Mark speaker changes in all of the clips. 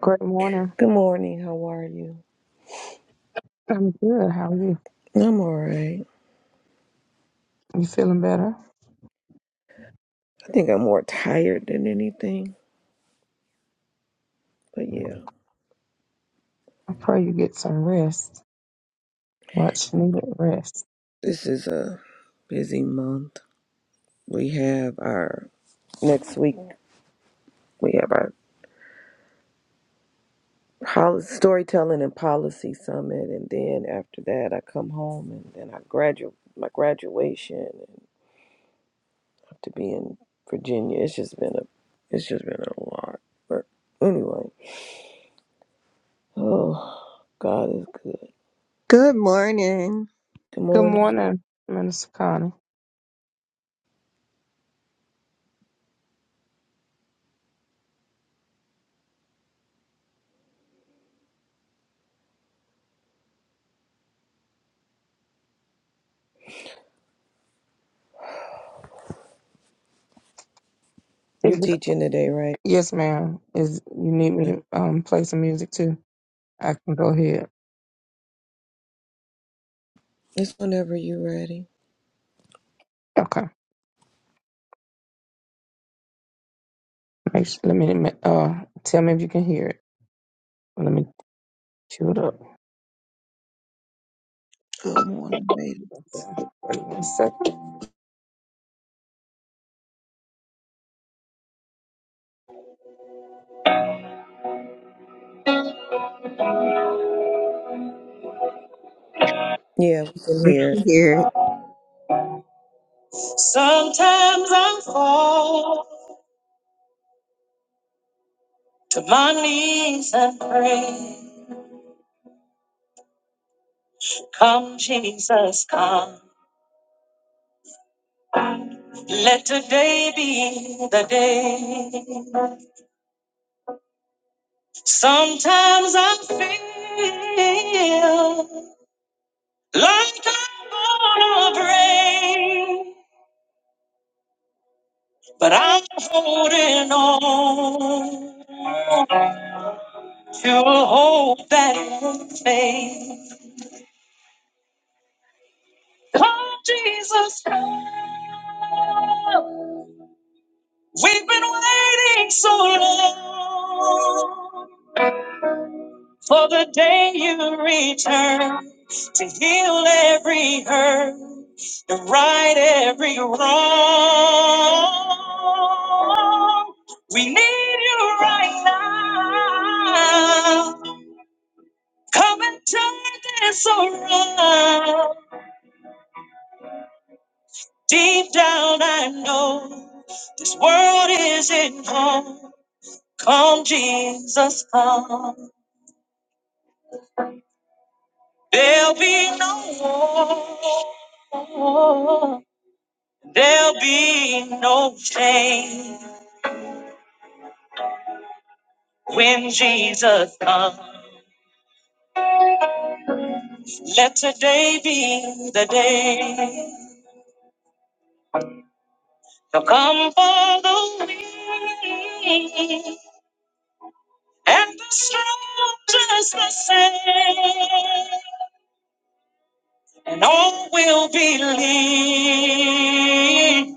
Speaker 1: Great morning.
Speaker 2: Good morning. How are you?
Speaker 1: I'm good. How are you?
Speaker 2: I'm all right.
Speaker 1: You feeling better?
Speaker 2: I think I'm more tired than anything. But yeah,
Speaker 1: I pray you get some rest. Much needed rest.
Speaker 2: this is a busy month. We have our next week, we have our poli- storytelling and policy summit. And then after that, I come home and then I graduate my graduation and have to be in Virginia. It's just been a, it's just been a lot. But anyway, oh, God is good.
Speaker 3: Good morning.
Speaker 2: Good
Speaker 1: Good
Speaker 2: morning.
Speaker 1: morning, Minister Connie.
Speaker 2: You
Speaker 1: Is it,
Speaker 2: teaching today, right?
Speaker 1: yes, ma'am. Is you need me to um play some music too? I can go ahead.
Speaker 2: It's whenever you're ready.
Speaker 1: Okay. Make sure, let me uh tell me if you can hear it. Let me cue it up.
Speaker 4: Good morning, baby.
Speaker 1: Wait one second.
Speaker 2: Yeah, we can
Speaker 3: We
Speaker 2: hear.
Speaker 3: can
Speaker 2: it.
Speaker 3: hear it.
Speaker 1: Sometimes I fall to my knees and pray, "Come, Jesus, come." Let today be the day. Sometimes I feel like I'm gonna break, but I'm holding on to a hope that will fade. Come, Jesus, come. We've been waiting so long for the day you return to heal every hurt and right every wrong. We need you right now. Come and turn this around. Deep down, I know this world isn't home. Come, Jesus, come. There'll be no war. There'll be no change when Jesus comes. Let today be the day to come for the weak and the strong just the same. And all will believe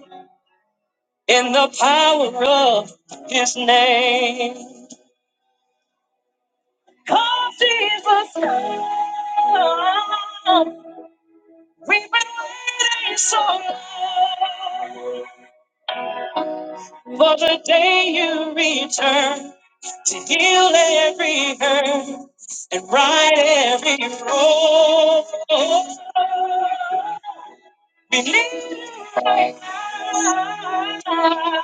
Speaker 1: in the power of his name. Come, Jesus, come. We've been waiting so long for the day you return to heal every hurt and right every wrong. Believe it right now.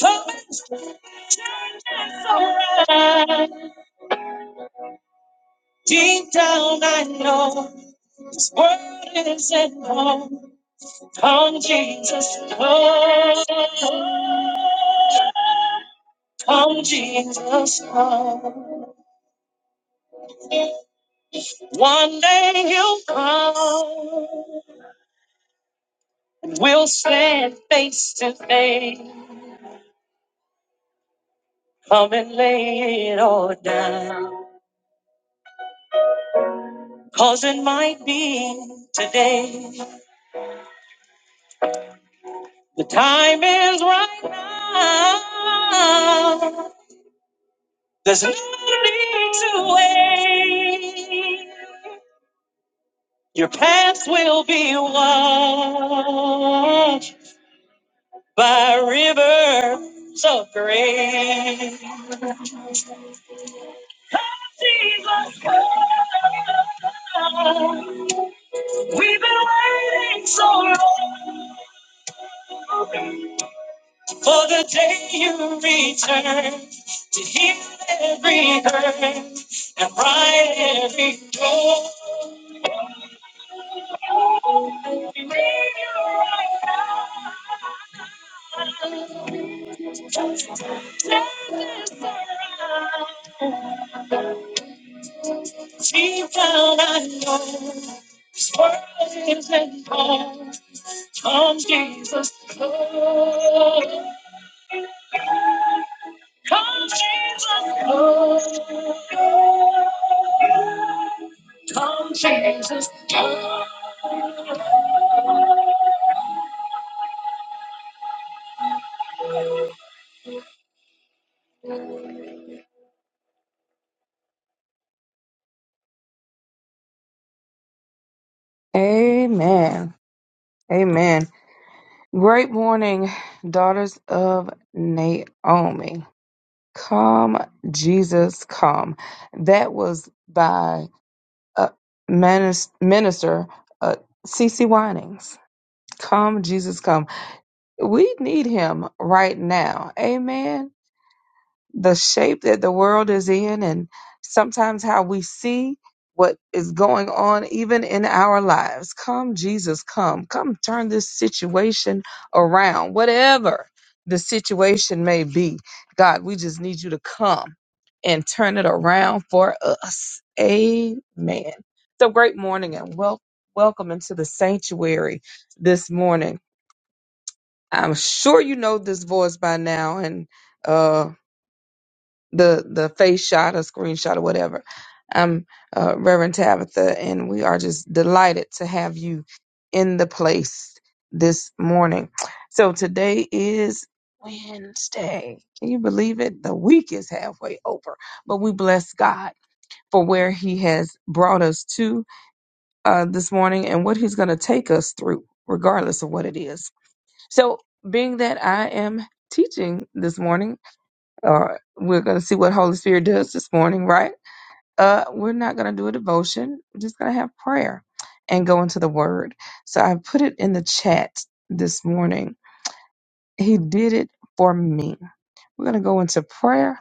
Speaker 1: Come and change us around. Deep down I know this world isn't home. Come Jesus, come. Come Jesus, come. One day he'll come. And we'll stand face to face. Come and lay it all down. Cause it might be today. The time is right now. There's no need to wait. Your paths will be washed by rivers of grace. Wait so long for the day you return to heal every hurt and right every door. You need right now. She found I know. Worthy is the Lamb. Come, Jesus. Come, come, Jesus. Come. Amen. Amen. Great morning, daughters of Naomi. Come, Jesus, come. That was by uh, Minis- Minister uh, C.C. Winings. Come, Jesus, come. We need him right now. Amen. the shape that the world is in and sometimes how we see what is going on even in our lives. Come, Jesus, come. Come turn this situation around. Whatever the situation may be, God, we just need you to come and turn it around for us. Amen. So great morning and wel- welcome into the sanctuary this morning. I'm sure you know this voice by now and uh, the the face shot or screenshot or whatever. I'm uh, Reverend Tabitha, and we are just delighted to have you in the place this morning. So today is Wednesday. Can you believe it? The week is halfway over, but we bless God for where He has brought us to uh, this morning and what He's going to take us through, regardless of what it is. So, being that I am teaching this morning, or we're going to see what Holy Spirit does this morning, right? Uh, we're not going to do a devotion. We're just going to have prayer and go into the Word. So I put it in the chat this morning. He did it for me. We're going to go into prayer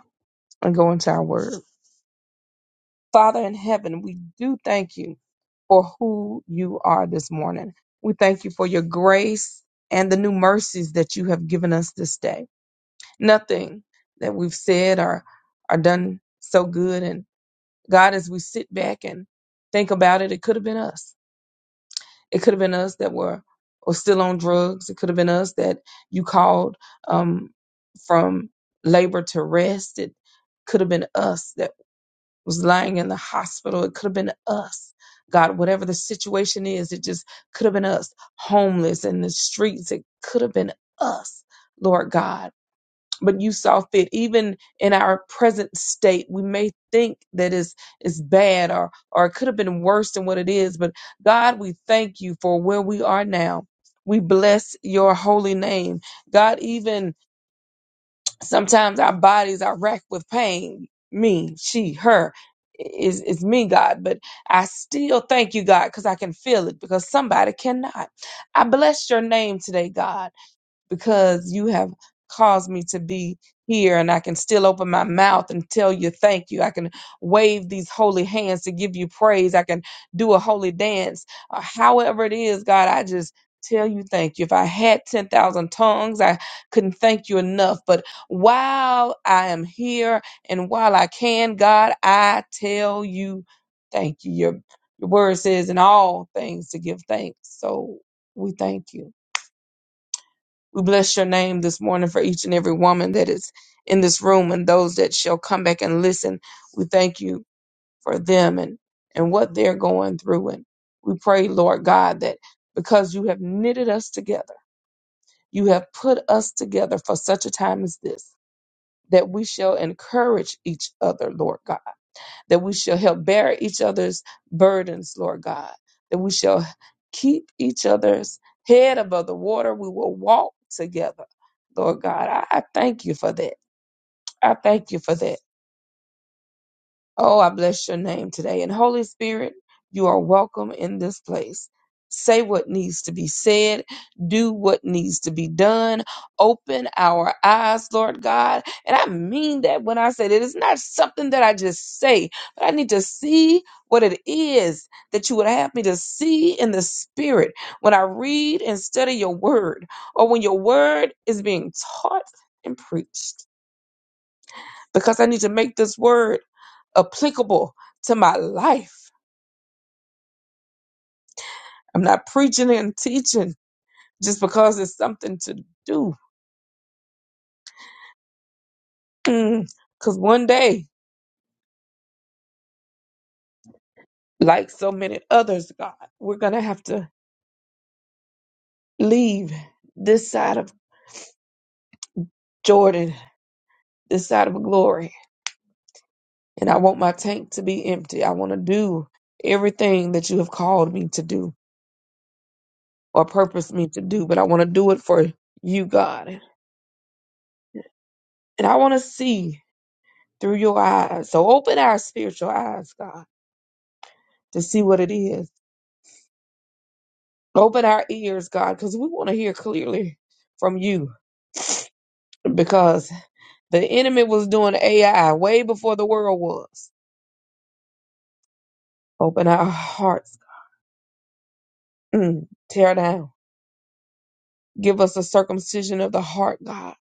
Speaker 1: and go into our Word. Father in heaven, we do thank you for who you are this morning. We thank you for your grace and the new mercies that you have given us this day. Nothing that we've said or, or done so good and God, as we sit back and think about it, it could have been us. It could have been us that were or still on drugs. It could have been us that you called um, from labor to rest. It could have been us that was lying in the hospital. It could have been us. God, whatever the situation is, it just could have been us. Homeless in the streets. It could have been us, Lord God but you saw fit even in our present state we may think that is is bad or or it could have been worse than what it is but god we thank you for where we are now we bless your holy name god even sometimes our bodies are racked with pain me she her is is me god but i still thank you god because i can feel it because somebody cannot i bless your name today god because you have caused me to be here and I can still open my mouth and tell you thank you. I can wave these holy hands to give you praise. I can do a holy dance. Uh, however it is, God, I just tell you thank you. If I had 10,000 tongues, I couldn't thank you enough. But while I am here and while I can, God, I tell you thank you. Your your word says in all things to give thanks. So we thank you. We bless your name this morning for each and every woman that is in this room and those that shall come back and listen. We thank you for them and, and what they're going through. And we pray, Lord God, that because you have knitted us together, you have put us together for such a time as this, that we shall encourage each other, Lord God that we shall help bear each other's burdens, Lord God, that we shall keep each other's head above the water. We will walk together, Lord God. I, I thank you for that. I thank you for that. Oh, I bless your name today. And Holy Spirit, you are welcome in this place. Say what needs to be said, do what needs to be done, open our eyes, Lord God. And I mean that when I said it is not something that I just say, but I need to see what it is that you would have me to see in the spirit when I read and study your word, or when your word is being taught and preached. Because I need to make this word applicable to my life. I'm not preaching and teaching just because it's something to do. Because one day, like so many others, God, we're going to have to leave this side of Jordan, this side of glory. And I want my tank to be empty. I want to do everything that you have called me to do or purposed me to do, but I want to do it for you, God. And I want to see through your eyes. So open our spiritual eyes, God, to see what it is Open our ears, God, because we want to hear clearly from you. Because the enemy was doing AI way before the world was. Open our hearts. Mm. Tear down. Give us a circumcision of the heart, God,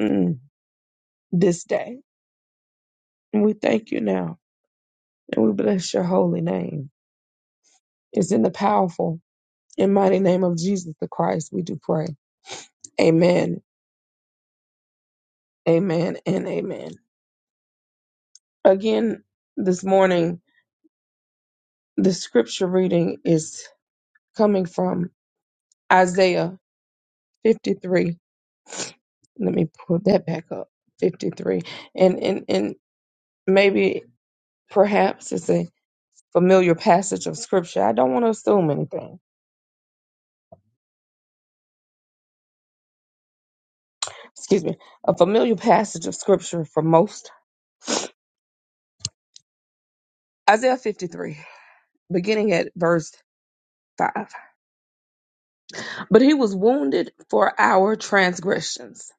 Speaker 1: mm. this day. And we thank you now. And we bless your holy name. It's in the powerful and mighty name of Jesus the Christ we do pray. Amen, amen, and amen. Again, this morning, the scripture reading is coming from Isaiah 53. Let me pull that back up. 53. And and and maybe perhaps it's a familiar passage of scripture. I don't want to assume anything. Excuse me. A familiar passage of scripture for most. Isaiah 53, beginning at verse 5. But he was wounded for our transgressions.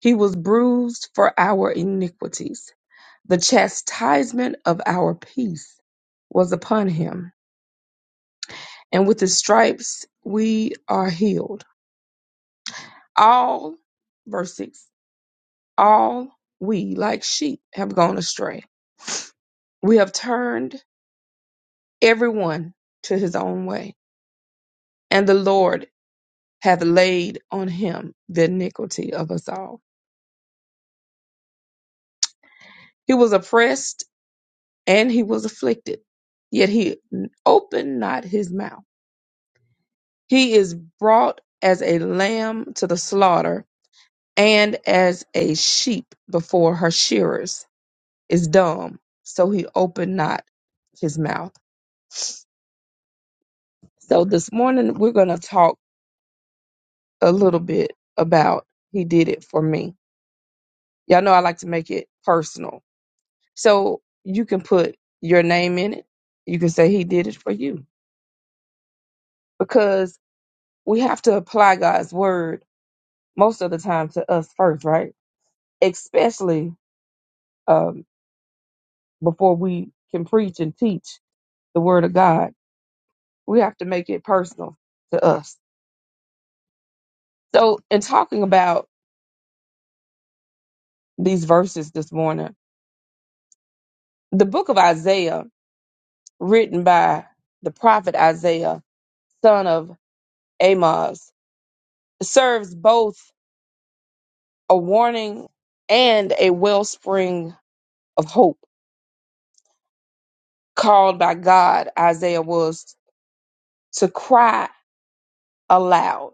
Speaker 1: He was bruised for our iniquities. The chastisement of our peace was upon him and with his stripes we are healed. All, verse 6, all we like sheep have gone astray. We have turned everyone to his own way, and the Lord hath laid on him the iniquity of us all. He was oppressed and he was afflicted, yet he opened not his mouth. He is brought as a lamb to the slaughter, and as a sheep before her shearers is dumb, so he opened not his mouth. So this morning we're gonna talk a little bit about he did it for me. Y'all know I like to make it personal. So you can put your name in it. You can say he did it for you. Because we have to apply God's word most of the time to us first, right? Especially um before we can preach and teach the word of God. We have to make it personal to us. So in talking about these verses this morning. The book of Isaiah, written by the prophet Isaiah, son of Amos, serves both a warning and a wellspring of hope. Called by God, Isaiah was to cry aloud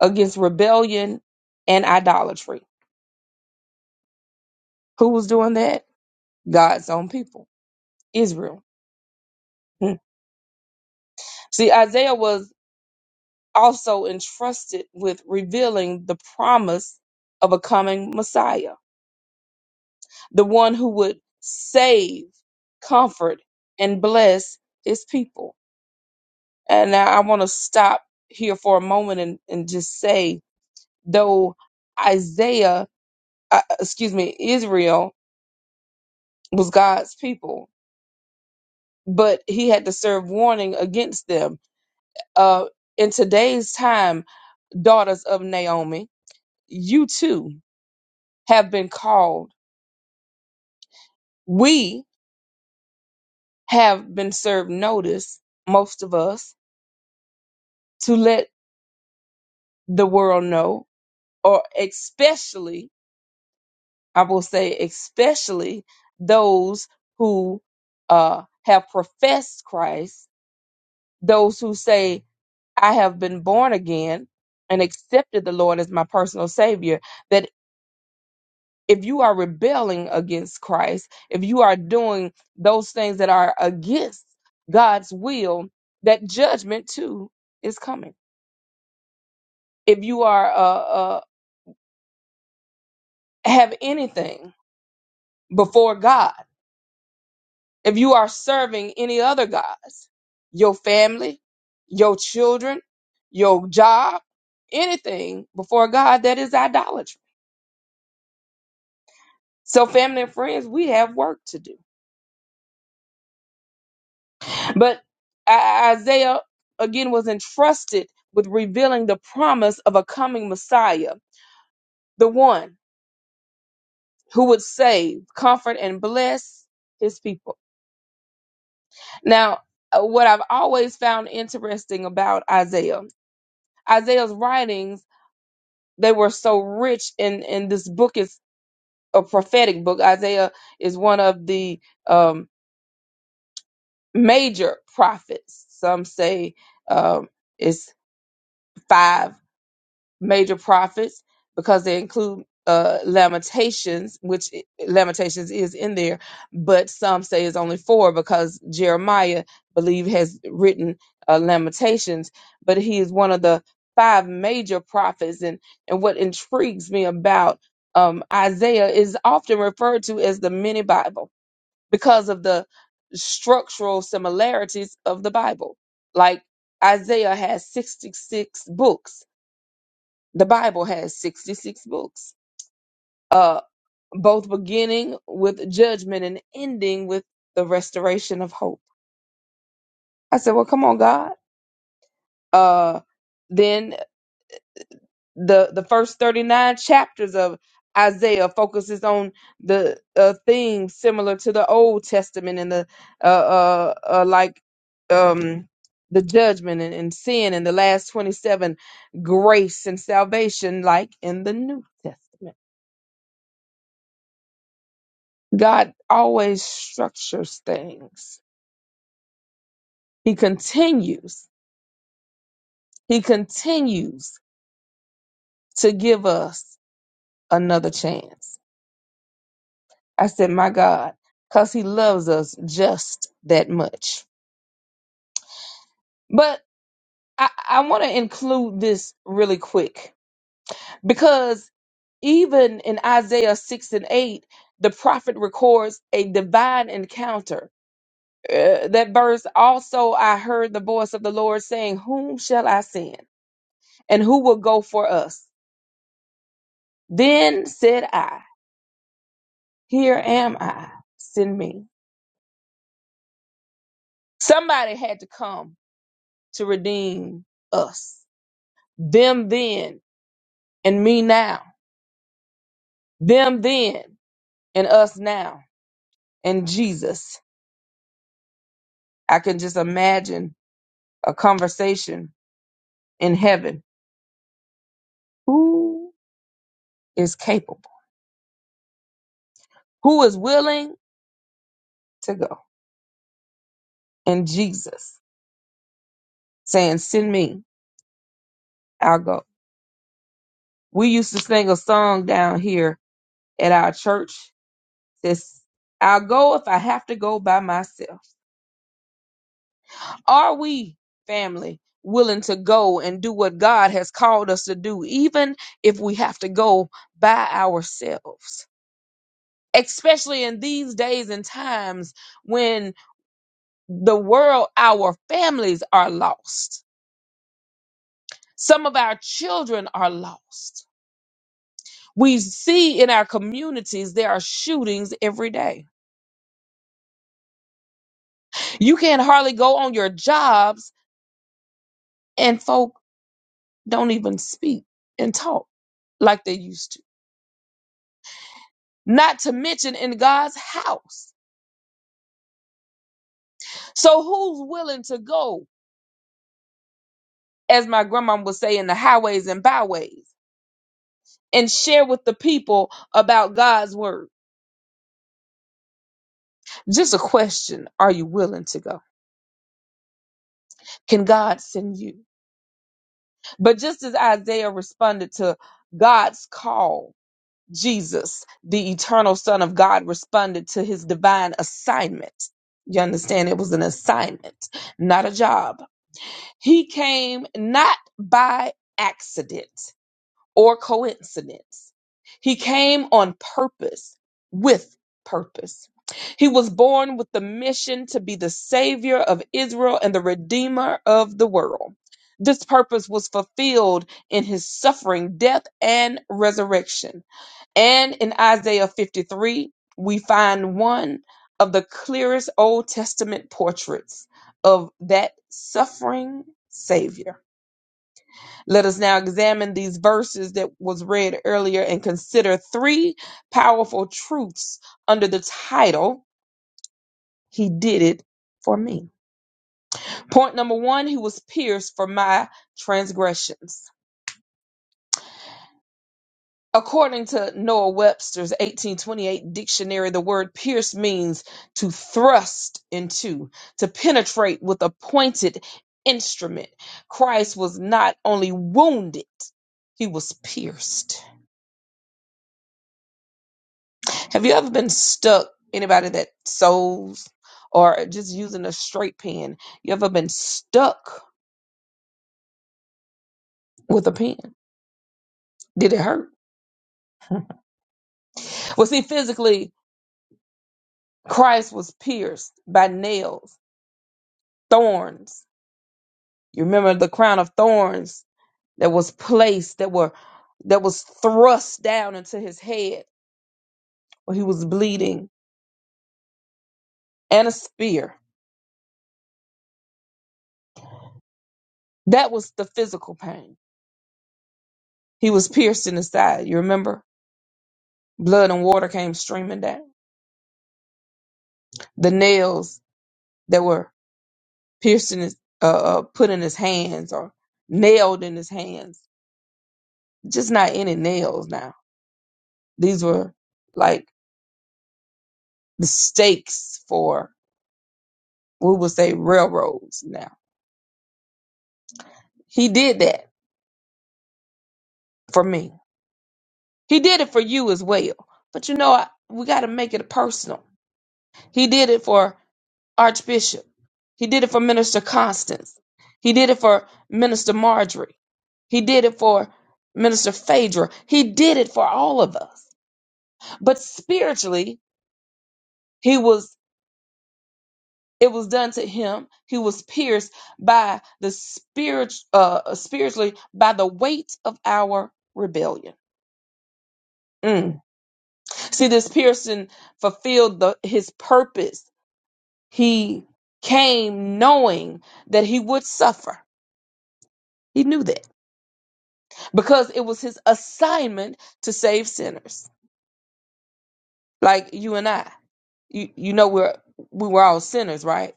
Speaker 1: against rebellion and idolatry. Who was doing that? God's own people, Israel. Hmm. See, Isaiah was also entrusted with revealing the promise of a coming Messiah, the one who would save, comfort, and bless his people. And now I want to stop here for a moment and, and just say, though Isaiah, uh, uh, excuse me, Israel was God's people, but he had to serve warning against them. Uh, in today's time, daughters of Naomi, you too have been called We have been served notice, most of us, to let the world know, or especially, I will say, especially those who uh, have professed Christ, those who say, I have been born again and accepted the Lord as my personal Savior. that. if you are rebelling against Christ, if you are doing those things that are against God's will, that judgment too is coming. If you are uh, uh, have anything before God, if you are serving any other gods, your family, your children, your job, anything before God, that is idolatry. So, family and friends, we have work to do But I- Isaiah again was entrusted with revealing the promise of a coming Messiah, the one who would save, comfort, and bless his people. Now, uh, what I've always found interesting about Isaiah, Isaiah's writings, they were so rich in, in this book is a prophetic book. Isaiah is one of the um, major prophets. Some say um, it's five major prophets because they include uh, Lamentations, which i- Lamentations is in there, but some say it's only four because Jeremiah, believe, has written uh, Lamentations, but he is one of the five major prophets. And and what intrigues me about um, Isaiah is often referred to as the mini Bible because of the structural similarities of the Bible. Like Isaiah has 66 books the Bible has 66 books, uh, both beginning with judgment and ending with the restoration of hope. I said, Well, come on, God. Uh, then the, the first 39 chapters of Isaiah focuses on the uh, themes similar to the Old Testament and the uh, uh, uh, like um, the judgment and, and sin, and the last 27 grace and salvation, like in the New Testament. God always structures things. He continues. He continues to give us another chance. I said, my God, because he loves us just that much. But I, I want to include this really quick because even in Isaiah 6 and 8, the prophet records a divine encounter. Uh, that verse also, I heard the voice of the Lord saying, Whom shall I send? and who will go for us? Then said I, Here am I, send me. Somebody had to come to redeem us. Them then and me now. Them then and us now. And Jesus. I can just imagine a conversation in heaven. Who is capable? Who is willing to go? And Jesus saying, Send me, I'll go. We used to sing a song down here at our church This I'll go if I have to go by myself. Are we, family, willing to go and do what God has called us to do, even if we have to go by ourselves? Especially in these days and times when the world, our families are lost. Some of our children are lost. We see in our communities there are shootings every day. You can hardly go on your jobs and folk. don't even speak and talk like they used to. Not to mention in God's house. So who's willing to go, as my grandma would say, in the highways and byways and share with the people about God's word? Just a question. Are you willing to go? Can God send you? But just as Isaiah responded to God's call, Jesus, the eternal son of God, responded to his divine assignment. You understand? It was an assignment, not a job He came not by accident or coincidence. He came on purpose with purpose. He was born with the mission to be the savior of Israel and the redeemer of the world. This purpose was fulfilled in his suffering, death, and resurrection. And in Isaiah 53, we find one of the clearest Old Testament portraits of that suffering Savior. Let us now examine these verses that was read earlier and consider three powerful truths under the title, He Did It For Me. Point number one, He was pierced for my transgressions. According to Noah Webster's 1828 dictionary, the word pierce means to thrust into, to penetrate with a pointed instrument. Christ was not only wounded, he was pierced. Have you ever been stuck, anybody that sews or just using a straight pen? You ever been stuck with a pen? Did it hurt? Well, see, physically, Christ was pierced by nails, thorns You remember the crown of thorns that was placed, that were that was thrust down into his head where he was bleeding, and a spear. That was the physical pain. He was pierced in the side. You remember? Blood and water came streaming down. The nails that were pierced in his, uh, uh, put in his hands or nailed in his hands. Just not any nails now. These were like the stakes for, we would say, railroads now. He did that for me He did it for you as well. But you know, I- we got to make it personal. He did it for Archbishop. He did it for Minister Constance. He did it for Minister Marjorie. He did it for Minister Phaedra. He did it for all of us. But spiritually, he was it was done to him. He was pierced by the spirit uh spiritually by the weight of our rebellion. Mm. See, this piercing fulfilled the, his purpose He came knowing that he would suffer. He knew that because it was his assignment to save sinners like you and I. You, you know we're we were all sinners, right?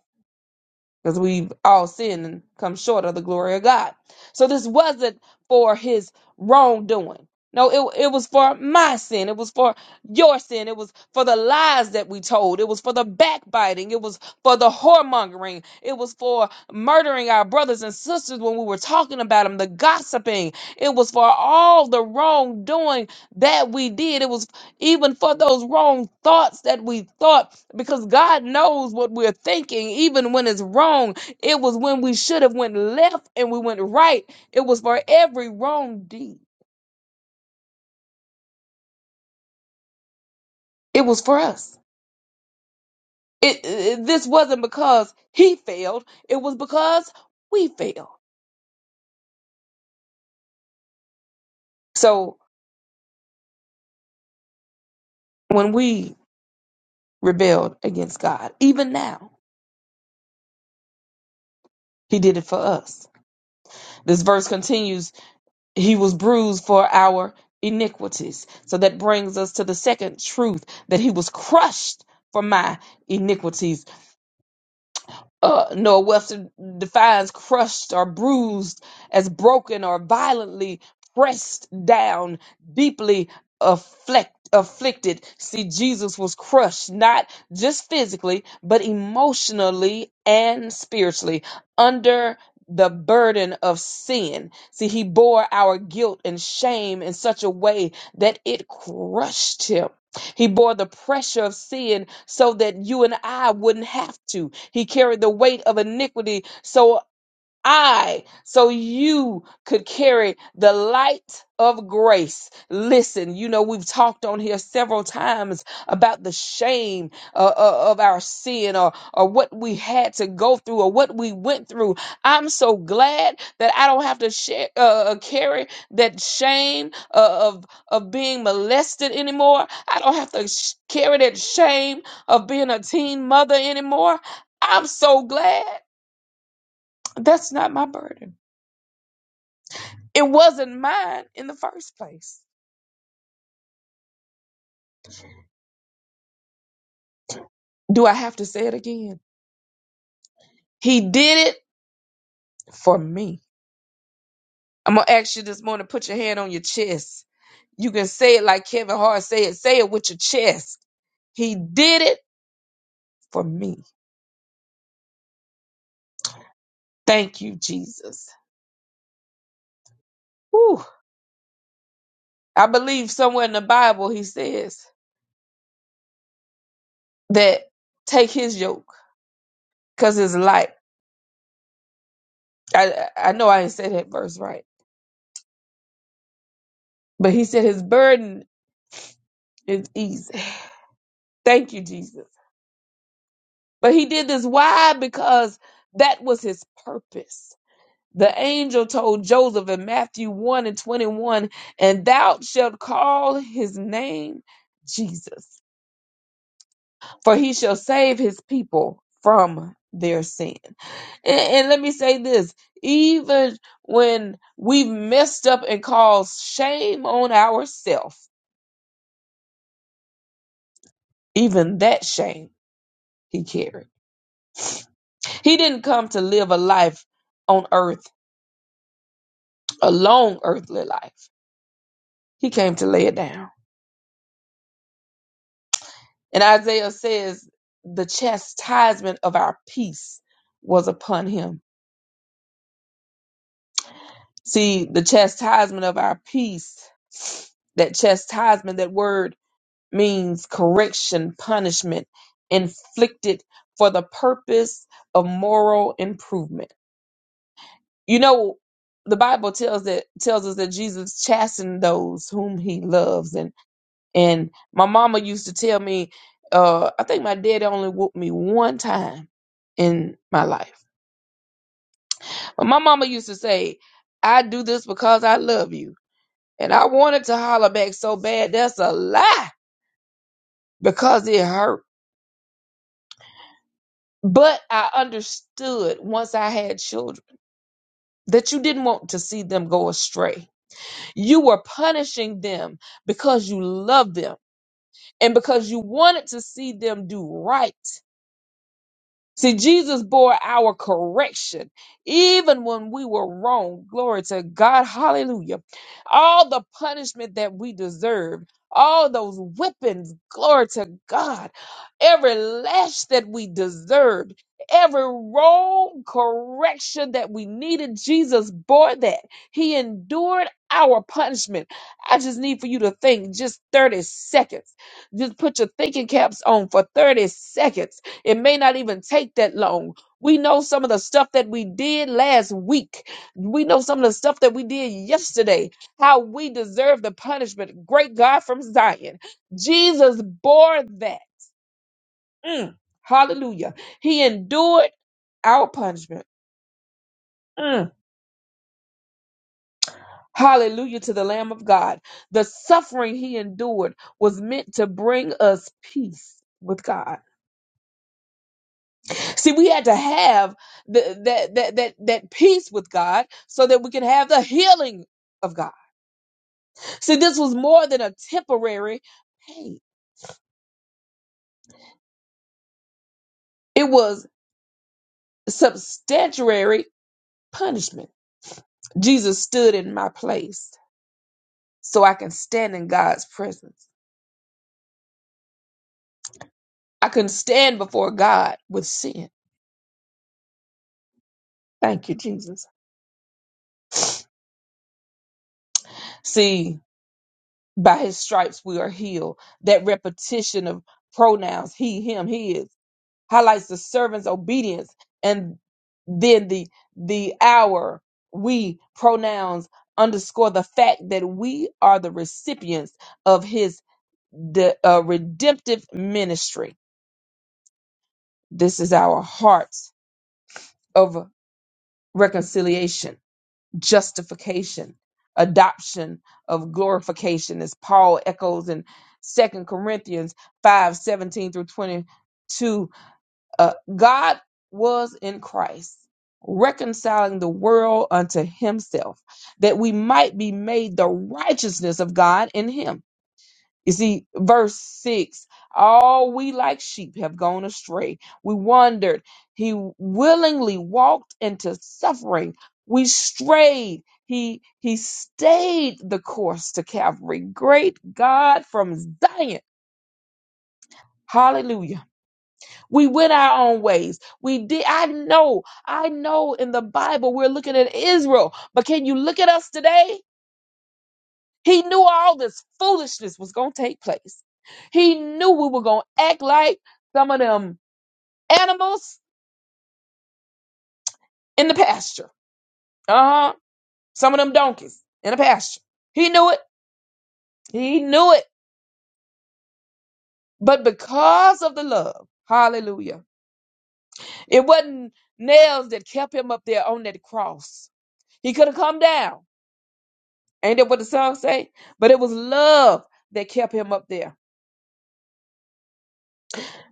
Speaker 1: because we've all sinned and come short of the glory of God. So this wasn't for his wrongdoing. No, it, it was for my sin. It was for your sin. It was for the lies that we told. It was for the backbiting. It was for the whoremongering. It was for murdering our brothers and sisters when we were talking about them, the gossiping. It was for all the wrongdoing that we did. It was even for those wrong thoughts that we thought, because God knows what we're thinking, even when it's wrong. It was when we should have went left and we went right. It was for every wrong deed. It was for us. It, it this wasn't because he failed. It was because we failed. So when we rebelled against God, even now, he did it for us. This verse continues He was bruised for our iniquities. So that brings us to the second truth that he was crushed for my iniquities uh, nor Webster defines crushed or bruised as broken or violently pressed down, deeply afflict, afflicted. See, Jesus was crushed, not just physically, but emotionally and spiritually under the burden of sin. See, he bore our guilt and shame in such a way that it crushed him. He bore the pressure of sin so that you and I wouldn't have to. He carried the weight of iniquity. So I so you could carry the light of grace. Listen, you know, we've talked on here several times about the shame uh, uh, of our sin or, or what we had to go through or what we went through. I'm so glad that I don't have to share, uh, uh, carry that shame uh, of, of being molested anymore. I don't have to sh- carry that shame of being a teen mother anymore. I'm so glad that's not my burden. It wasn't mine in the first place. Do I have to say it again? He did it for me. I'm going to ask you this morning put your hand on your chest. You can say it like Kevin Hart said, say it with your chest. He did it for me. Thank you, Jesus. Whew. I believe somewhere in the Bible he says that take his yoke because it's light. I, I know I didn't say that verse right, but he said his burden is easy. Thank you, Jesus. But he did this why? Because that was his purpose. The angel told Joseph in Matthew 1 and 21, and thou shalt call his name Jesus, for he shall save his people from their sin. And, and let me say this even when we've messed up and caused shame on ourselves, even that shame he carried. He didn't come to live a life on earth, a long earthly life. He came to lay it down. And Isaiah says, the chastisement of our peace was upon him. See, the chastisement of our peace, that chastisement, that word means correction, punishment, inflicted for the purpose of moral improvement. You know, the Bible tells that tells us that Jesus chastened those whom he loves. and. And my mama used to tell me, uh, I think my daddy only whooped me one time in my life. But my mama used to say, I do this because I love you. And I wanted to holler back so bad. That's a lie because it hurt. But I understood once I had children that you didn't want to see them go astray. You were punishing them because you loved them and because you wanted to see them do right See, Jesus bore our correction even when we were wrong. Glory to God. Hallelujah. All the punishment that we deserved, all those whippings, glory to God, every lash that we deserved, every wrong correction that we needed, Jesus bore that. He endured our punishment. I just need for you to think just 30 seconds. Just put your thinking caps on for 30 seconds it may not even take that long. We know some of the stuff that we did last week. We know some of the stuff that we did yesterday, how we deserve the punishment. Great God from Zion. Jesus bore that. Mm. Hallelujah. He endured our punishment. Mm. Hallelujah to the Lamb of God. The suffering he endured was meant to bring us peace with God. See, we had to have the, that, that, that, that peace with God so that we can have the healing of God. See, this was more than a temporary pain, it was substantiary punishment. Jesus stood in my place so I can stand in God's presence. I can stand before God with sin. Thank you, Jesus. See, by his stripes we are healed. That repetition of pronouns, he, him, his, highlights the servant's obedience and. then the the our we pronouns underscore the fact that we are the recipients of his de, uh, redemptive ministry this is our heart of reconciliation justification adoption of glorification as paul echoes in Second corinthians 5 17 through 22 Uh, God was in Christ, reconciling the world unto himself, that we might be made the righteousness of God in him. You see, verse 6 All we like sheep have gone astray. We wandered. He willingly walked into suffering. We strayed. He, he stayed the course to Calvary. Great God from Zion. Hallelujah we went our own ways. We did. I know. I know in the Bible we're looking at Israel, but can you look at us today? He knew all this foolishness was going to take place. He knew we were going to act like some of them animals in the pasture. Uh huh. Some of them donkeys in the pasture. He knew it. He knew it. But because of the love, hallelujah, it wasn't nails that kept him up there on that cross. He could have come down. Ain't that what the song say? But it was love that kept him up there.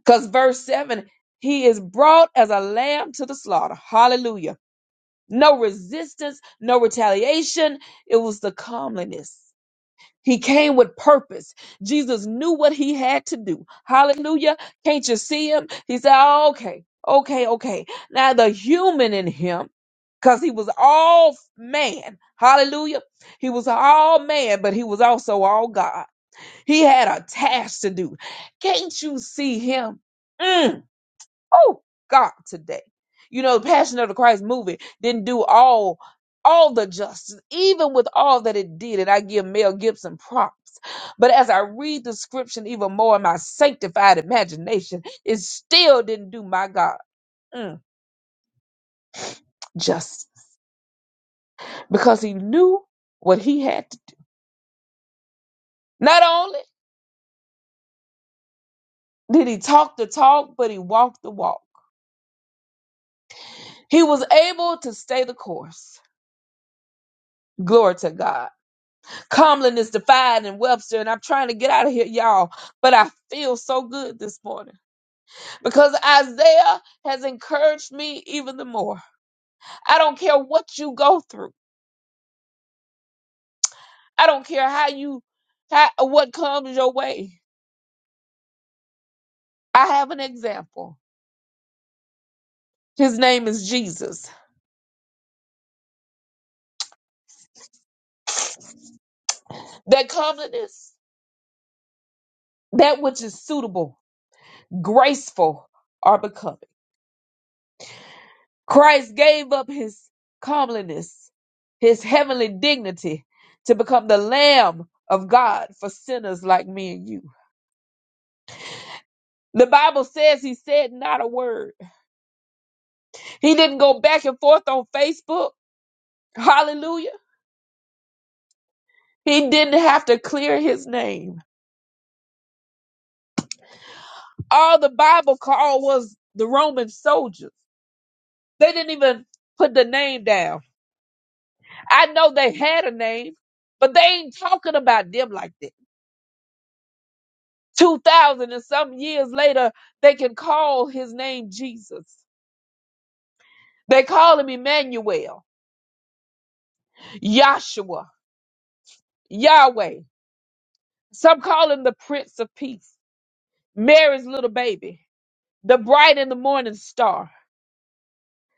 Speaker 1: Because verse 7, he is brought as a lamb to the slaughter. Hallelujah. No resistance, no retaliation. It was the calmliness. He came with purpose. Jesus knew what he had to do. Hallelujah. Can't you see him? He said, "Oh, okay, okay, okay. Now the human in him, because he was all man. Hallelujah. He was all man, but he was also all God. He had a task to do. Can't you see him? Mm. Oh God, today. You know, the Passion of the Christ movie didn't do all all the justice, even with all that it did, and I give Mel Gibson props. But as I read the scripture even more in my sanctified imagination, it still didn't do my God mm, justice because he knew what he had to do. Not only did he talk the talk, but he walked the walk. He was able to stay the course Glory to God. Comlin is defied in Webster, and I'm trying to get out of here, y'all. But I feel so good this morning because Isaiah has encouraged me even the more. I don't care what you go through. I don't care how you, how, what comes your way. I have an example. His name is Jesus. That comeliness, that which is suitable, graceful, are becoming. Christ gave up his comeliness, his heavenly dignity to become the Lamb of God for sinners like me and you. The Bible says he said not a word. He didn't go back and forth on Facebook. Hallelujah. He didn't have to clear his name. All the Bible called was the Roman soldiers. They didn't even put the name down. I know they had a name, but they ain't talking about them like that. 2,000 and some years later, they can call his name Jesus. They call him Emmanuel, Yahshua, Yahweh. Some call him the Prince of Peace, Mary's little baby, the bright and the morning star,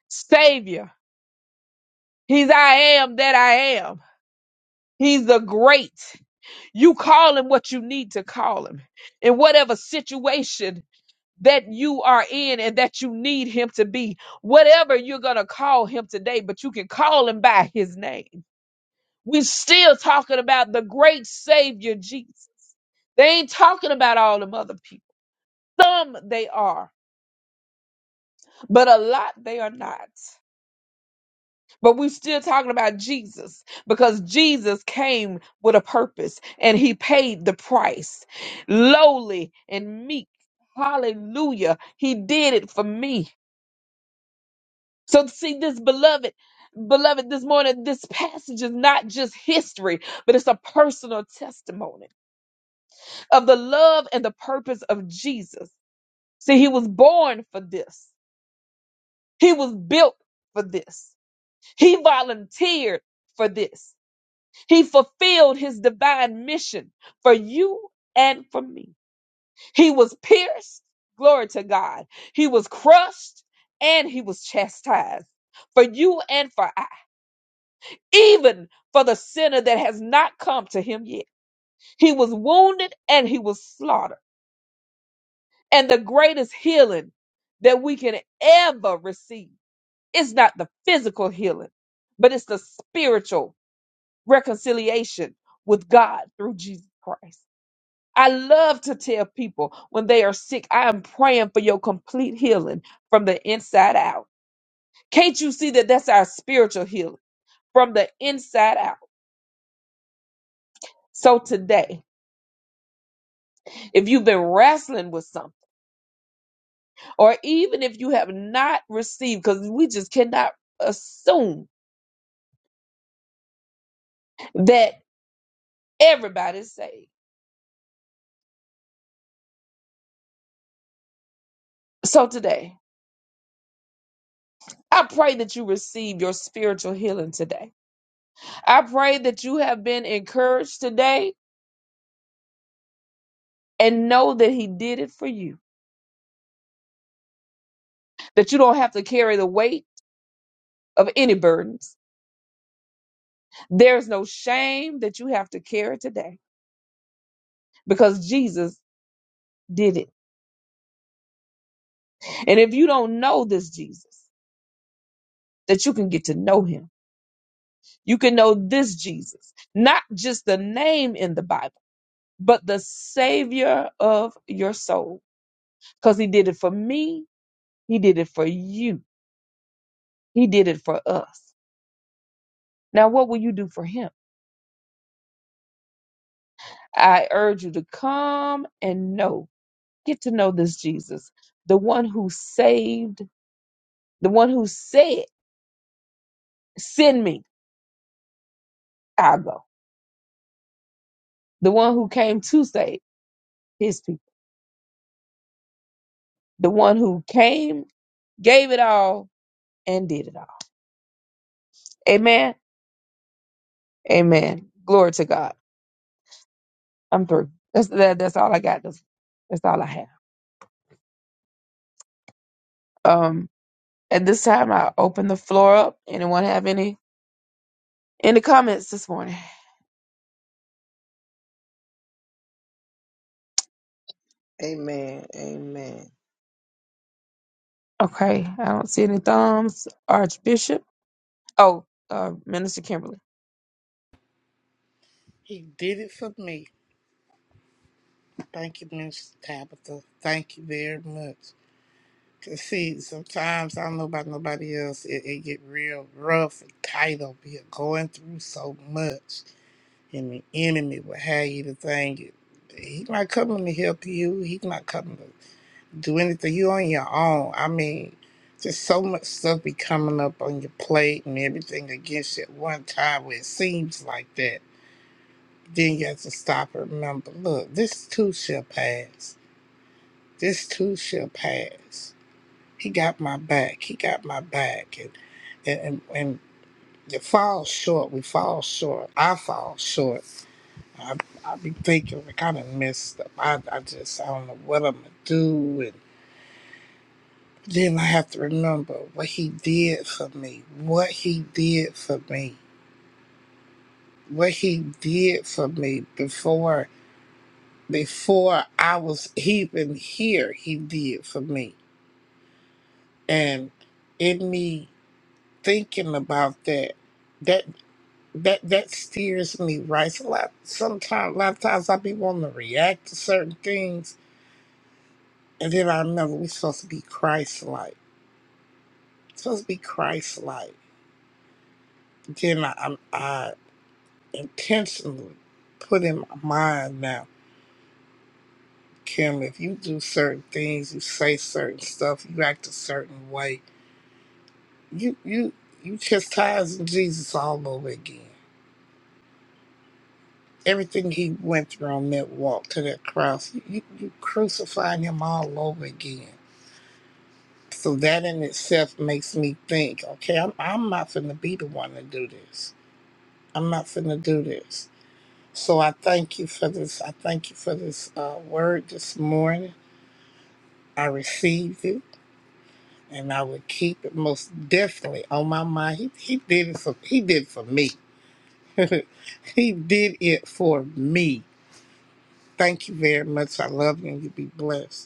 Speaker 1: Savior. He's I am that I am. He's the great. You call him what you need to call him in whatever situation that you are in and that you need him to be, whatever you're going to call him today, but you can call him by his name. We're still talking about the great Savior Jesus. They ain't talking about all them other people. Some they are, but a lot they are not. But we're still talking about Jesus because Jesus came with a purpose and he paid the price, lowly and meek. Hallelujah. He did it for me. So see this beloved, beloved, this morning, this passage is not just history, but it's a personal testimony of the love and the purpose of Jesus. See, he was born for this. He was built for this. He volunteered for this. He fulfilled his divine mission for you and for me. He was pierced. Glory to God. He was crushed and he was chastised for you and for I. even for the sinner that has not come to him yet. He was wounded and he was slaughtered. And the greatest healing that we can ever receive is not the physical healing, but it's the spiritual reconciliation with God through Jesus Christ. I love to tell people when they are sick, I am praying for your complete healing from the inside out. Can't you see that that's our spiritual healing from the inside out? So today, if you've been wrestling with something, or even if you have not received, because we just cannot assume that everybody's saved. So today, I pray that you receive your spiritual healing today. I pray that you have been encouraged today and know that He did it for you, that you don't have to carry the weight of any burdens. There's no shame that you have to carry today because Jesus did it. And if you don't know this Jesus, that you can get to know Him You can know this Jesus, not just the name in the Bible, but the Savior of your soul. Because He did it for me, He did it for you, He did it for us. Now, what will you do for Him? I urge you to come and know, get to know this Jesus, the one who saved, the one who said, Send me, I'll go. The one who came to save His people, the one who came, gave it all, and did it all. Amen. Amen. Glory to God. I'm through. That's that, that's all I got. That's, that's all I have. Um, at this time, I open the floor up. Anyone have any any comments this morning?
Speaker 4: Amen. Amen.
Speaker 1: Okay, I don't see any thumbs. Archbishop. Oh, uh, Minister Kimberly.
Speaker 5: He did it for me. Thank you, Miss Tabitha. Thank you very much. 'Cause see, sometimes I don't know about nobody else. It, it get real rough and tight up here, going through so much, and the enemy will have you to think it. He's not coming to help you. He's not coming to do anything. You on your own. I mean, just so much stuff be coming up on your plate and everything against you at one time where it seems like that Then you have to stop and remember, look, this too shall pass. This too shall pass. He got my back. He got my back. And and and, and you fall short. We fall short. I fall short. I I be thinking like I done messed up. I I just I don't know what I'm gonna do. And then I have to remember what he did for me. What he did for me. What he did for me before. before I was even here, he did for me. And in me thinking about that, that that that steers me right. So a lot sometimes a lot of times I be wanting to react to certain things and then I remember we're supposed to be Christ like. Supposed to be Christ like. Then I, I I intentionally put in my mind now, Kim, if you do certain things, you say certain stuff, you act a certain way you you you chastising Jesus all over again. Everything he went through on that walk to that cross, you you crucified him all over again. So that in itself makes me think, okay, I'm I'm not finna be the one to do this. I'm not finna do this. So I thank you for this. I thank you for this uh, word this morning. I received it, and I will keep it most definitely on my mind. He, he did it for he did it for me. He did it for me Thank you very much. I love you and you be blessed.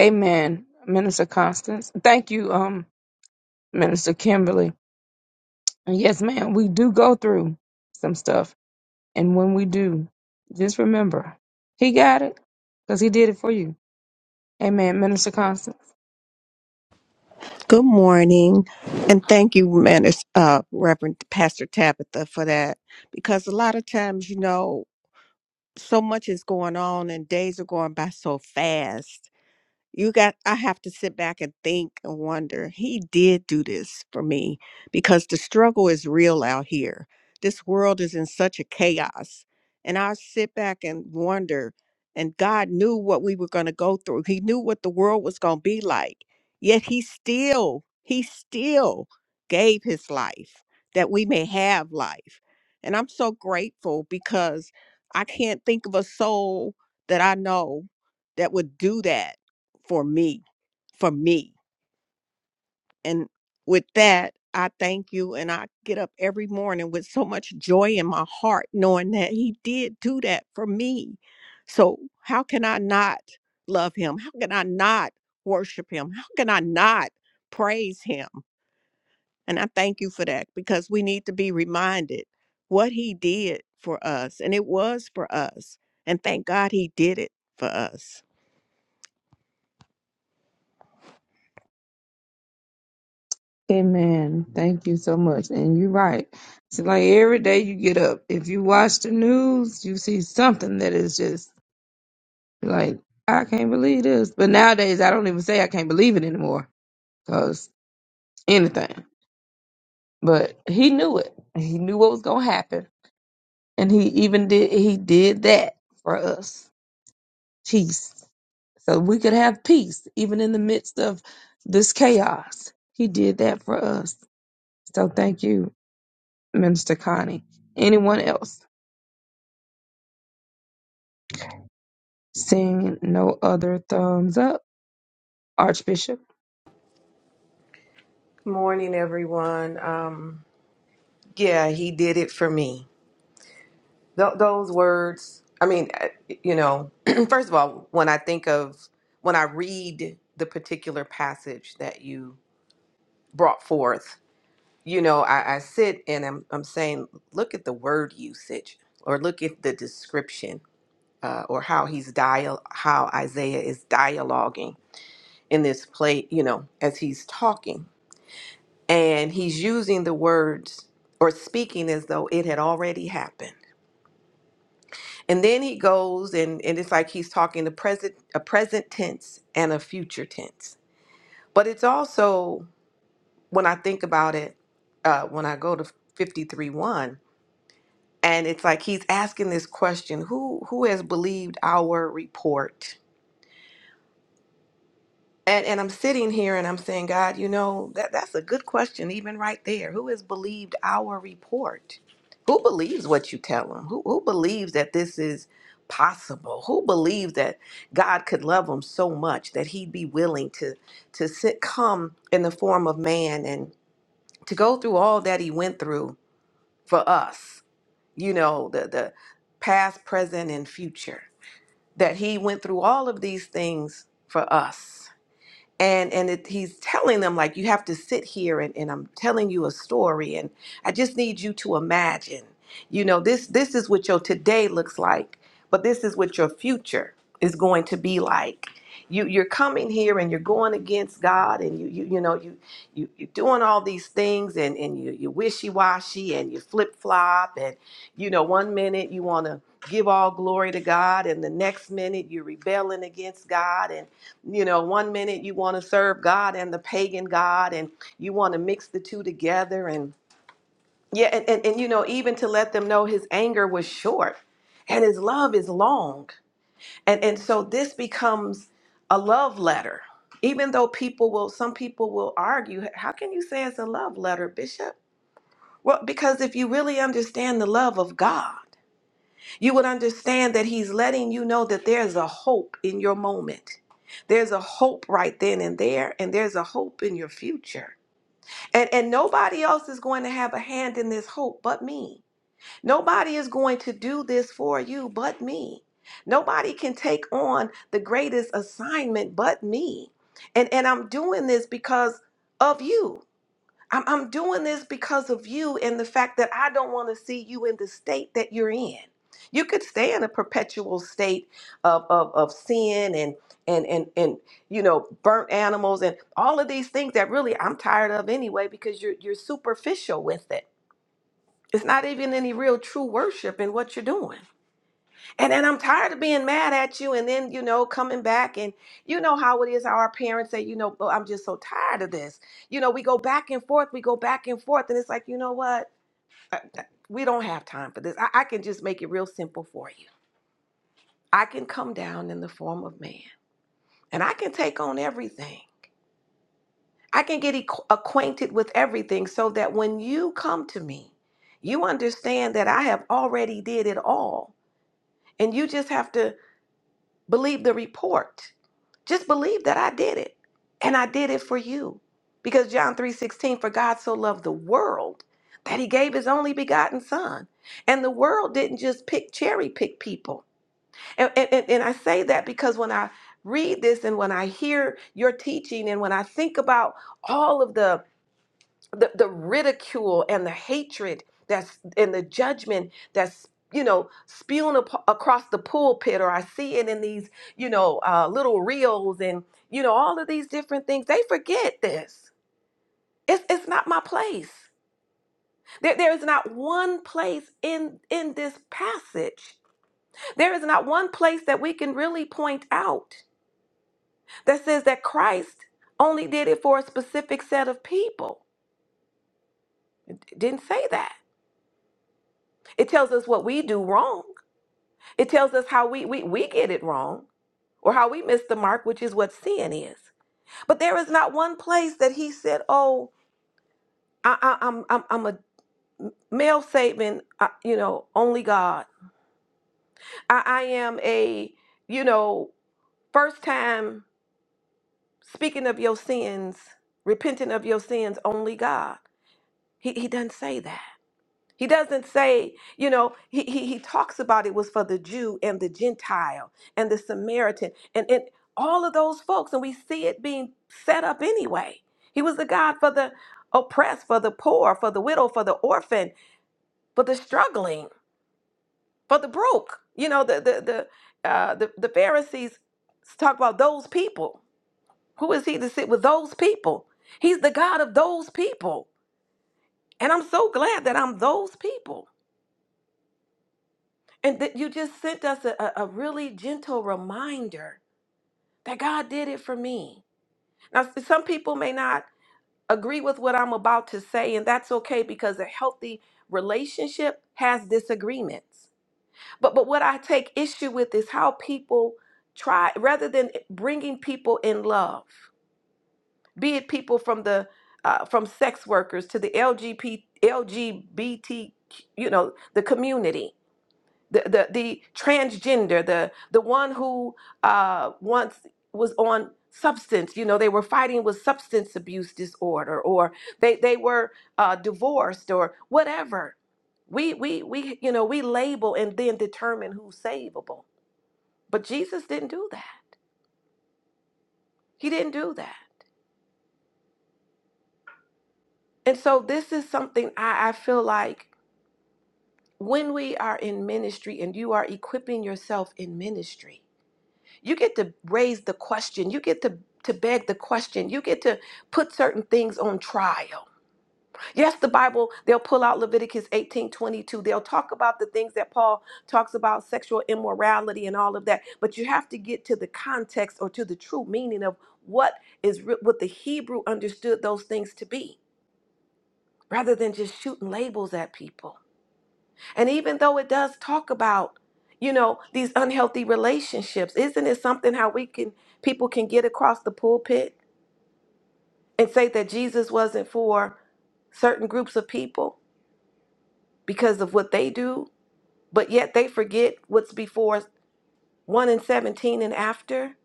Speaker 1: Amen. Minister Constance. Thank you, um, Minister Kimberly. And yes, ma'am, we do go through some stuff, and when we do, just remember, He got it because He did it for you. Amen, Minister Constance.
Speaker 3: Good morning. And thank you, Man- it's, uh, Reverend Pastor Tabitha, for that. Because a lot of times, you know, so much is going on and days are going by so fast you got i have to sit back and think and wonder he did do this for me because the struggle is real out here this world is in such a chaos and i sit back and wonder and god knew what we were going to go through he knew what the world was going to be like yet he still he still gave his life that we may have life and i'm so grateful because i can't think of a soul that i know that would do that for me, for me. And with that, I thank you. And I get up every morning with so much joy in my heart, knowing that He did do that for me. So, how can I not love Him? How can I not worship Him? How can I not praise Him? And I thank you for that because we need to be reminded what He did for us. And it was for us. And thank God He did it for us.
Speaker 1: Amen. Thank you so much. And you're right. It's like every day you get up. If you watch the news, you see something that is just like, I can't believe this. But nowadays, I don't even say I can't believe it anymore because anything. But he knew it. He knew what was going to happen. And he even did, he did that for us. Peace. So we could have peace even in the midst of this chaos. He did that for us. So thank you. Minister Connie. Anyone else? Seeing no other thumbs up, Archbishop.
Speaker 2: Morning, everyone. Um, yeah, he did it for me. Th- those words, I mean, I- you know, first of all, when I think of, when I read the particular passage that you brought forth, you know, I, I sit and I'm, I'm saying, look at the word usage or look at the description uh, or how he's dial, how Isaiah is dialoguing in this play, you know, as he's talking and he's using the words or speaking as though it had already happened. And then he goes and, and it's like he's talking the present a present tense and a future tense. But it's also when I think about it, uh, when I go to fifty three one, and it's like he's asking this question: Who who has believed our report? And and I'm sitting here and I'm saying, God, you know, that that's a good question even right there. Who has believed our report? Who believes what you tell them? Who who believes that this is possible? Who believes that God could love them so much that he'd be willing to to sit come in the form of man and to go through all that he went through for us. You know, the the past, present and future. That he went through all of these things for us and and it, he's telling them like you have to sit here and, and i'm telling you a story and i just need you to imagine you know this this is what your today looks like but this is what your future is going to be like you you're coming here and you're going against god and you you, you know you, you you're doing all these things and and you you wishy-washy and you flip-flop and you know one minute you want to give all glory to god and the next minute you're rebelling against god and. You know, one minute you want to serve God and the pagan God, and you want to mix the two together. And yeah, and, and, and you know, even to let them know his anger was short and his love is long. And, and so this becomes a love letter. Even though people will, some people will argue, how can you say it's a love letter, Bishop? Well, because if you really understand the love of God, you would understand that He's letting you know that there's a hope in your moment. There's a hope right then and there, and there's a hope in your future. And, and nobody else is going to have a hand in this hope but me. Nobody is going to do this for you but me. Nobody can take on the greatest assignment but me. And, and I'm doing this because of you. I'm, I'm doing this because of you and the fact that I don't want to see you in the state that you're in. You could stay in a perpetual state of, of, of sin and, and, and, and, you know, burnt animals and all of these things that really I'm tired of anyway because you're, you're superficial with it. It's not even any real true worship in what you're doing. And then I'm tired of being mad at you and then, you know, coming back and you know how it is how our parents say, you know, "Oh, I'm just so tired of this. You know, we go back and forth, we go back and forth and it's like, you know what? I- I- We don't have time for this. I, I can just make it real simple for you. I can come down in the form of man and I can take on everything. I can get acqu- acquainted with everything so that when you come to me, you understand that I have already did it all and you just have to Believe the report. Just believe that I did it. And I did it for you. Because John 3:16 for God so loved the world that he gave his only begotten son. And the world didn't just pick cherry pick people. And, and, and and I say that because when I read this and when I hear your teaching and when I think about all of the the, the ridicule and the hatred that's and the judgment that's you know spewing ap- across the pulpit or i see it in these you know uh, little reels and you know all of these different things they forget this it's, it's not my place there, there is not one place in in this passage there is not one place that we can really point out that says that christ only did it for a specific set of people It didn't say that it tells us what we do wrong It tells us how we, we, we get it wrong or how we miss the mark, which is what sin is. But there is not one place that he said, oh, I, I, I'm, I'm, I'm a male Satan, uh, you know, only God. I, I am a, you know, first time speaking of your sins, repenting of your sins, only God. He, he doesn't say that. He doesn't say, you know, he, he, he talks about it was for the Jew and the Gentile and the Samaritan and, and all of those folks. And we see it being set up anyway. He was the God for the oppressed, for the poor, for the widow, for the orphan, for the struggling, for the broke. You know, the the the uh, the, the Pharisees talk about those people. Who is he to sit with those people? He's the God of those people. And I'm so glad that I'm those people And that you just sent us a, a a really gentle reminder that God did it for me. Now, s- some people may not agree with what I'm about to say, and that's okay because a healthy relationship has disagreements. But but what I take issue with is how people try rather than bringing people in love, be it people from the uh, from sex workers to the LGBT you know the community the the, the transgender, the the one who uh, once was on substance. You know, they were fighting with substance abuse disorder, or they they were uh, divorced, or whatever. We we we you know we label and then determine who's savable. But Jesus didn't do that. He didn't do that. And so this is something I, I feel like when we are in ministry and you are equipping yourself in ministry You get to raise the question. You get to to beg the question. You get to put certain things on trial. Yes, the Bible, they'll pull out Leviticus eighteen twenty-two. They'll talk about the things that Paul talks about, sexual immorality and all of that. But you have to get to the context or to the true meaning of what is re- what the Hebrew understood those things to be, rather than just shooting labels at people. And even though it does talk about, you know, these unhealthy relationships, isn't it something how we can people can get across the pulpit and say that Jesus wasn't for certain groups of people because of what they do, but yet they forget what's before 1 and 17 and after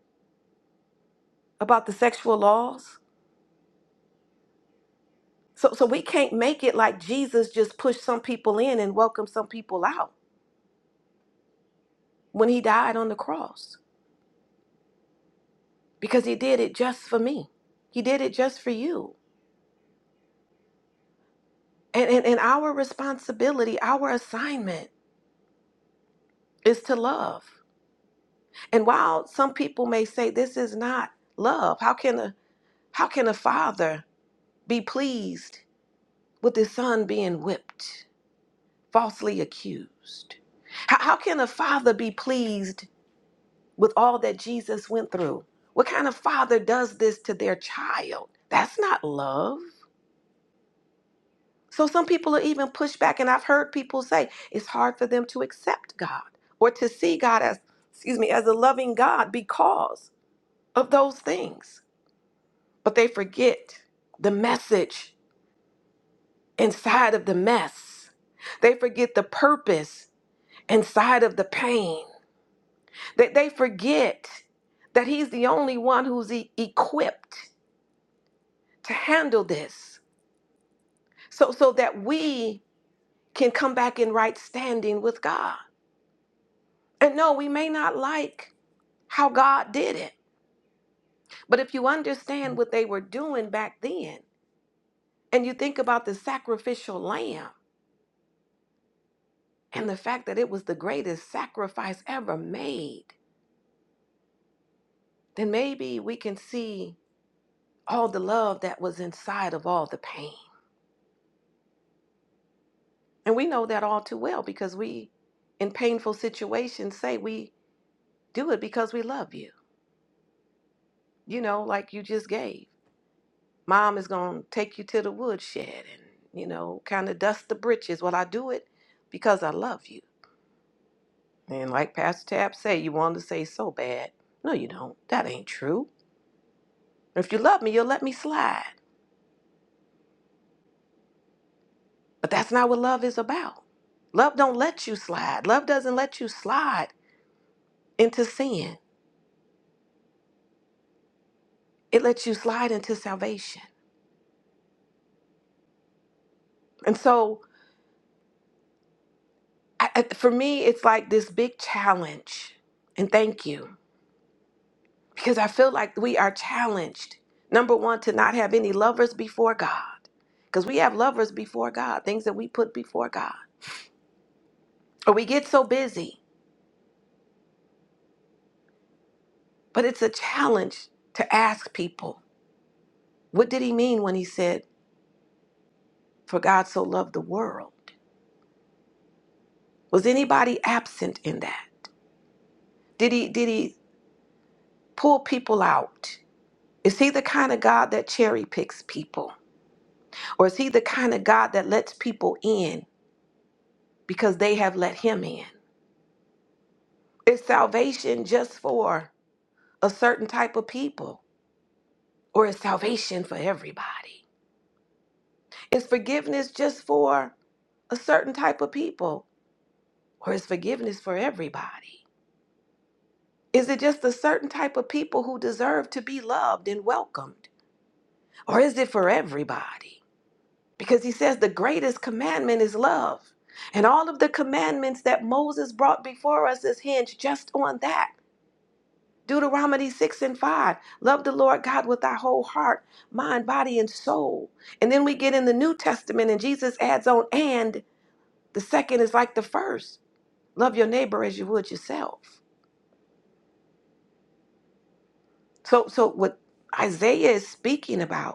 Speaker 2: about the sexual laws? So so we can't make it like Jesus just pushed some people in and welcomed some people out when he died on the cross because he did it just for me. He did it just for you. And, and, and our responsibility, our assignment is to love. And while some people may say this is not love, how can a how can a father be pleased with his son being whipped, falsely accused? How, how can a father be pleased with all that Jesus went through? What kind of father does this to their child? That's not love. So some people are even pushed back, and I've heard people say it's hard for them to accept God or to see God as, excuse me, as a loving God because of those things. But they forget the message inside of the mess. They forget the purpose inside of the pain. That they they forget that He's the only one who's e- equipped to handle this. So so that we can come back in right standing with God. And no, we may not like how God did it. But if you understand what they were doing back then, and you think about the sacrificial lamb and the fact that it was the greatest sacrifice ever made, then maybe we can see all the love that was inside of all the pain. And we know that all too well because we, in painful situations, say we do it because we love you. You know, like you just gave. Mom is going to take you to the woodshed and, you know, kind of dust the britches. Well, I do it because I love you. And like Pastor Tab said, you want to say so bad. No, you don't. That ain't true. If you love me, you'll let me slide. But that's not what love is about. Love don't let you slide. Love doesn't let you slide into sin. It lets you slide into salvation. And so I, I- for me, it's like this big challenge. And thank you. Because I feel like we are challenged. Number one, to not have any lovers before God. Because we have lovers before God, things that we put before God. Or we get so busy But it's a challenge to ask people what did he mean when he said, For God so loved the world? Was anybody absent in that? Did he did he pull people out? Is he the kind of God that cherry picks people? Or is he the kind of God that lets people in because they have let him in? Is salvation just for a certain type of people? Or is salvation for everybody? Is forgiveness just for a certain type of people? Or is forgiveness for everybody? Is it just a certain type of people who deserve to be loved and welcomed? Or is it for everybody? Because he says the greatest commandment is love. And all of the commandments that Moses brought before us is hinged just on that. Deuteronomy 6 and 5. Love the Lord God with our whole heart, mind, body, and soul. And then we get in the New Testament, and Jesus adds on, and the second is like the first. Love your neighbor as you would yourself. So, so what Isaiah is speaking about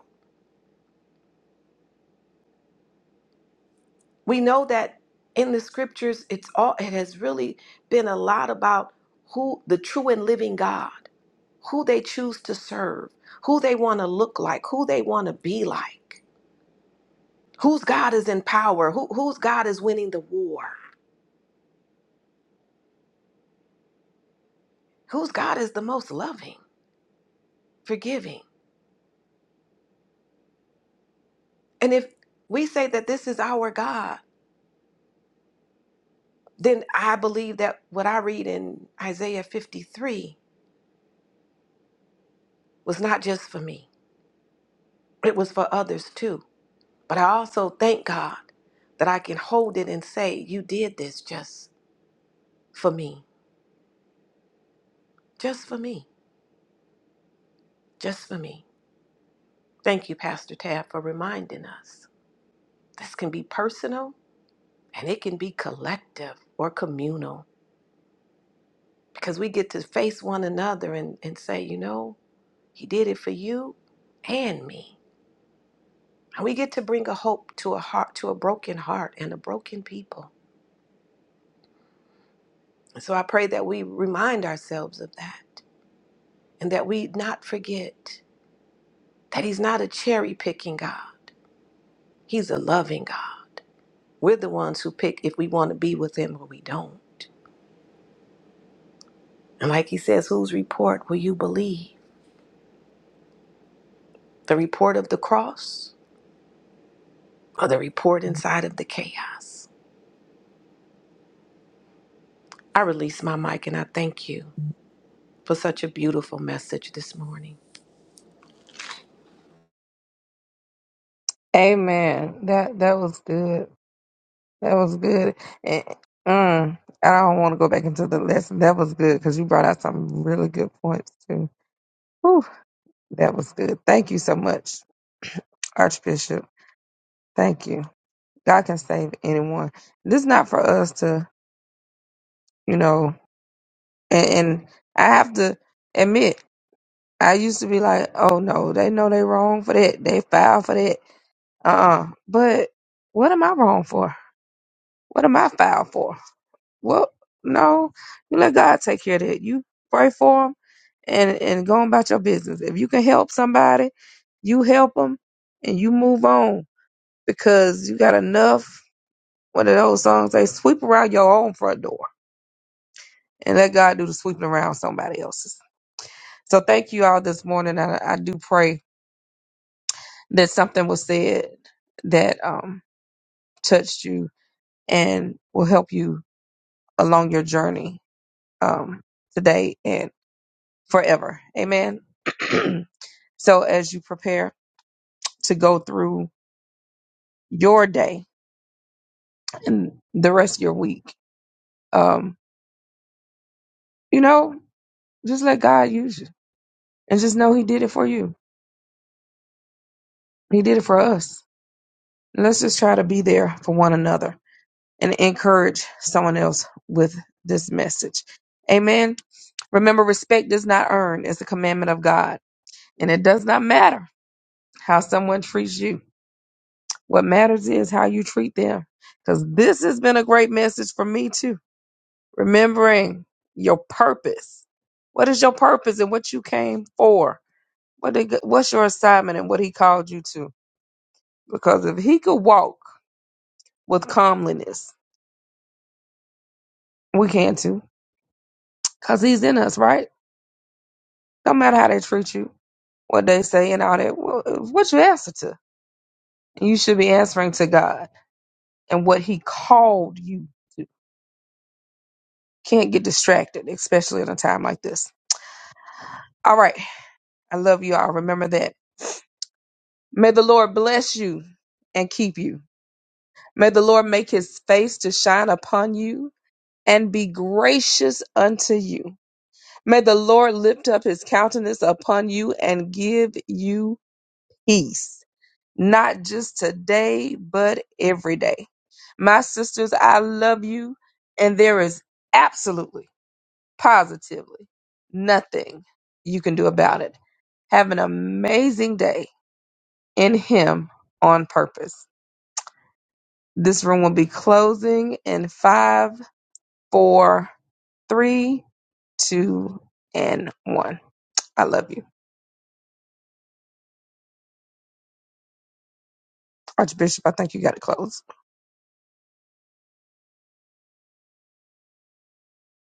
Speaker 2: we know that in the scriptures it's all it has really been a lot about who the true and living god who they choose to serve who they want to look like who they want to be like whose god is in power who, whose god is winning the war whose god is the most loving forgiving and if we say that this is our god then i believe that what i read in isaiah 53 was not just for me it was for others too But I also thank God that I can hold it and say, You did this just for me, just for me, just for me. Thank you, Pastor Tab, for reminding us. This can be personal and it can be collective or communal because we get to face one another and, and say, You know, He did it for you and me. And we get to bring a hope to a heart, to a broken heart and a broken people. And so I pray that we remind ourselves of that and that we not forget that He's not a cherry picking God. He's a loving God. We're the ones who pick if we want to be with Him or we don't. And like He says, whose report will you believe? The report of the cross or the report inside of the chaos? I release my mic and I thank you for such a beautiful message this morning.
Speaker 1: Amen. That that was good. That was good. And, mm, I don't want to go back into the lesson. That was good because you brought out some really good points too. Whew, that was good. Thank you so much, Archbishop. Thank you. God can save anyone. This is not for us to, you know. And, and I have to admit, I used to be like, "Oh no, they know they wrong for that. They foul for that." Uh-uh. But what am I wrong for? What am I foul for? Well, no, you let God take care of that. You pray for him and, and go on about your business. If you can help somebody, you help them and you move on because you got enough, one of those songs, they sweep around your own front door and let God do the sweeping around somebody else's. So thank you all this morning. I, I do pray that something was said that um, touched you and will help you along your journey um, today and forever. Amen. so as you prepare to go through your day and the rest of your week, um, you know, just let God use you and just know He did it for you. He did it for us. Let's just try to be there for one another and encourage someone else with this message. Amen. Remember, respect does not earn, it's a commandment of God, and it does not matter how someone treats you What matters is how you treat them. Because this has been a great message for me, too. Remembering your purpose. What is your purpose and what you came for? What did, what's your assignment and what he called you to? Because if he could walk with calmliness, we can too. Because he's in us, right? No matter how they treat you, what they say and all that, well, uh, what you answer to? You should be answering to God and what he called you to. Can't get distracted, especially in a time like this. All right. I love you all. Remember that. May the Lord bless you and keep you. May the Lord make his face to shine upon you and be gracious unto you. May the Lord lift up his countenance upon you and give you peace, not just today, but every day. My sisters, I love you, and there is absolutely, positively nothing you can do about it. Have an amazing day. in him on purpose. This room will be closing in five, four, three, two, and one. I love you. Archbishop, I think you got to close.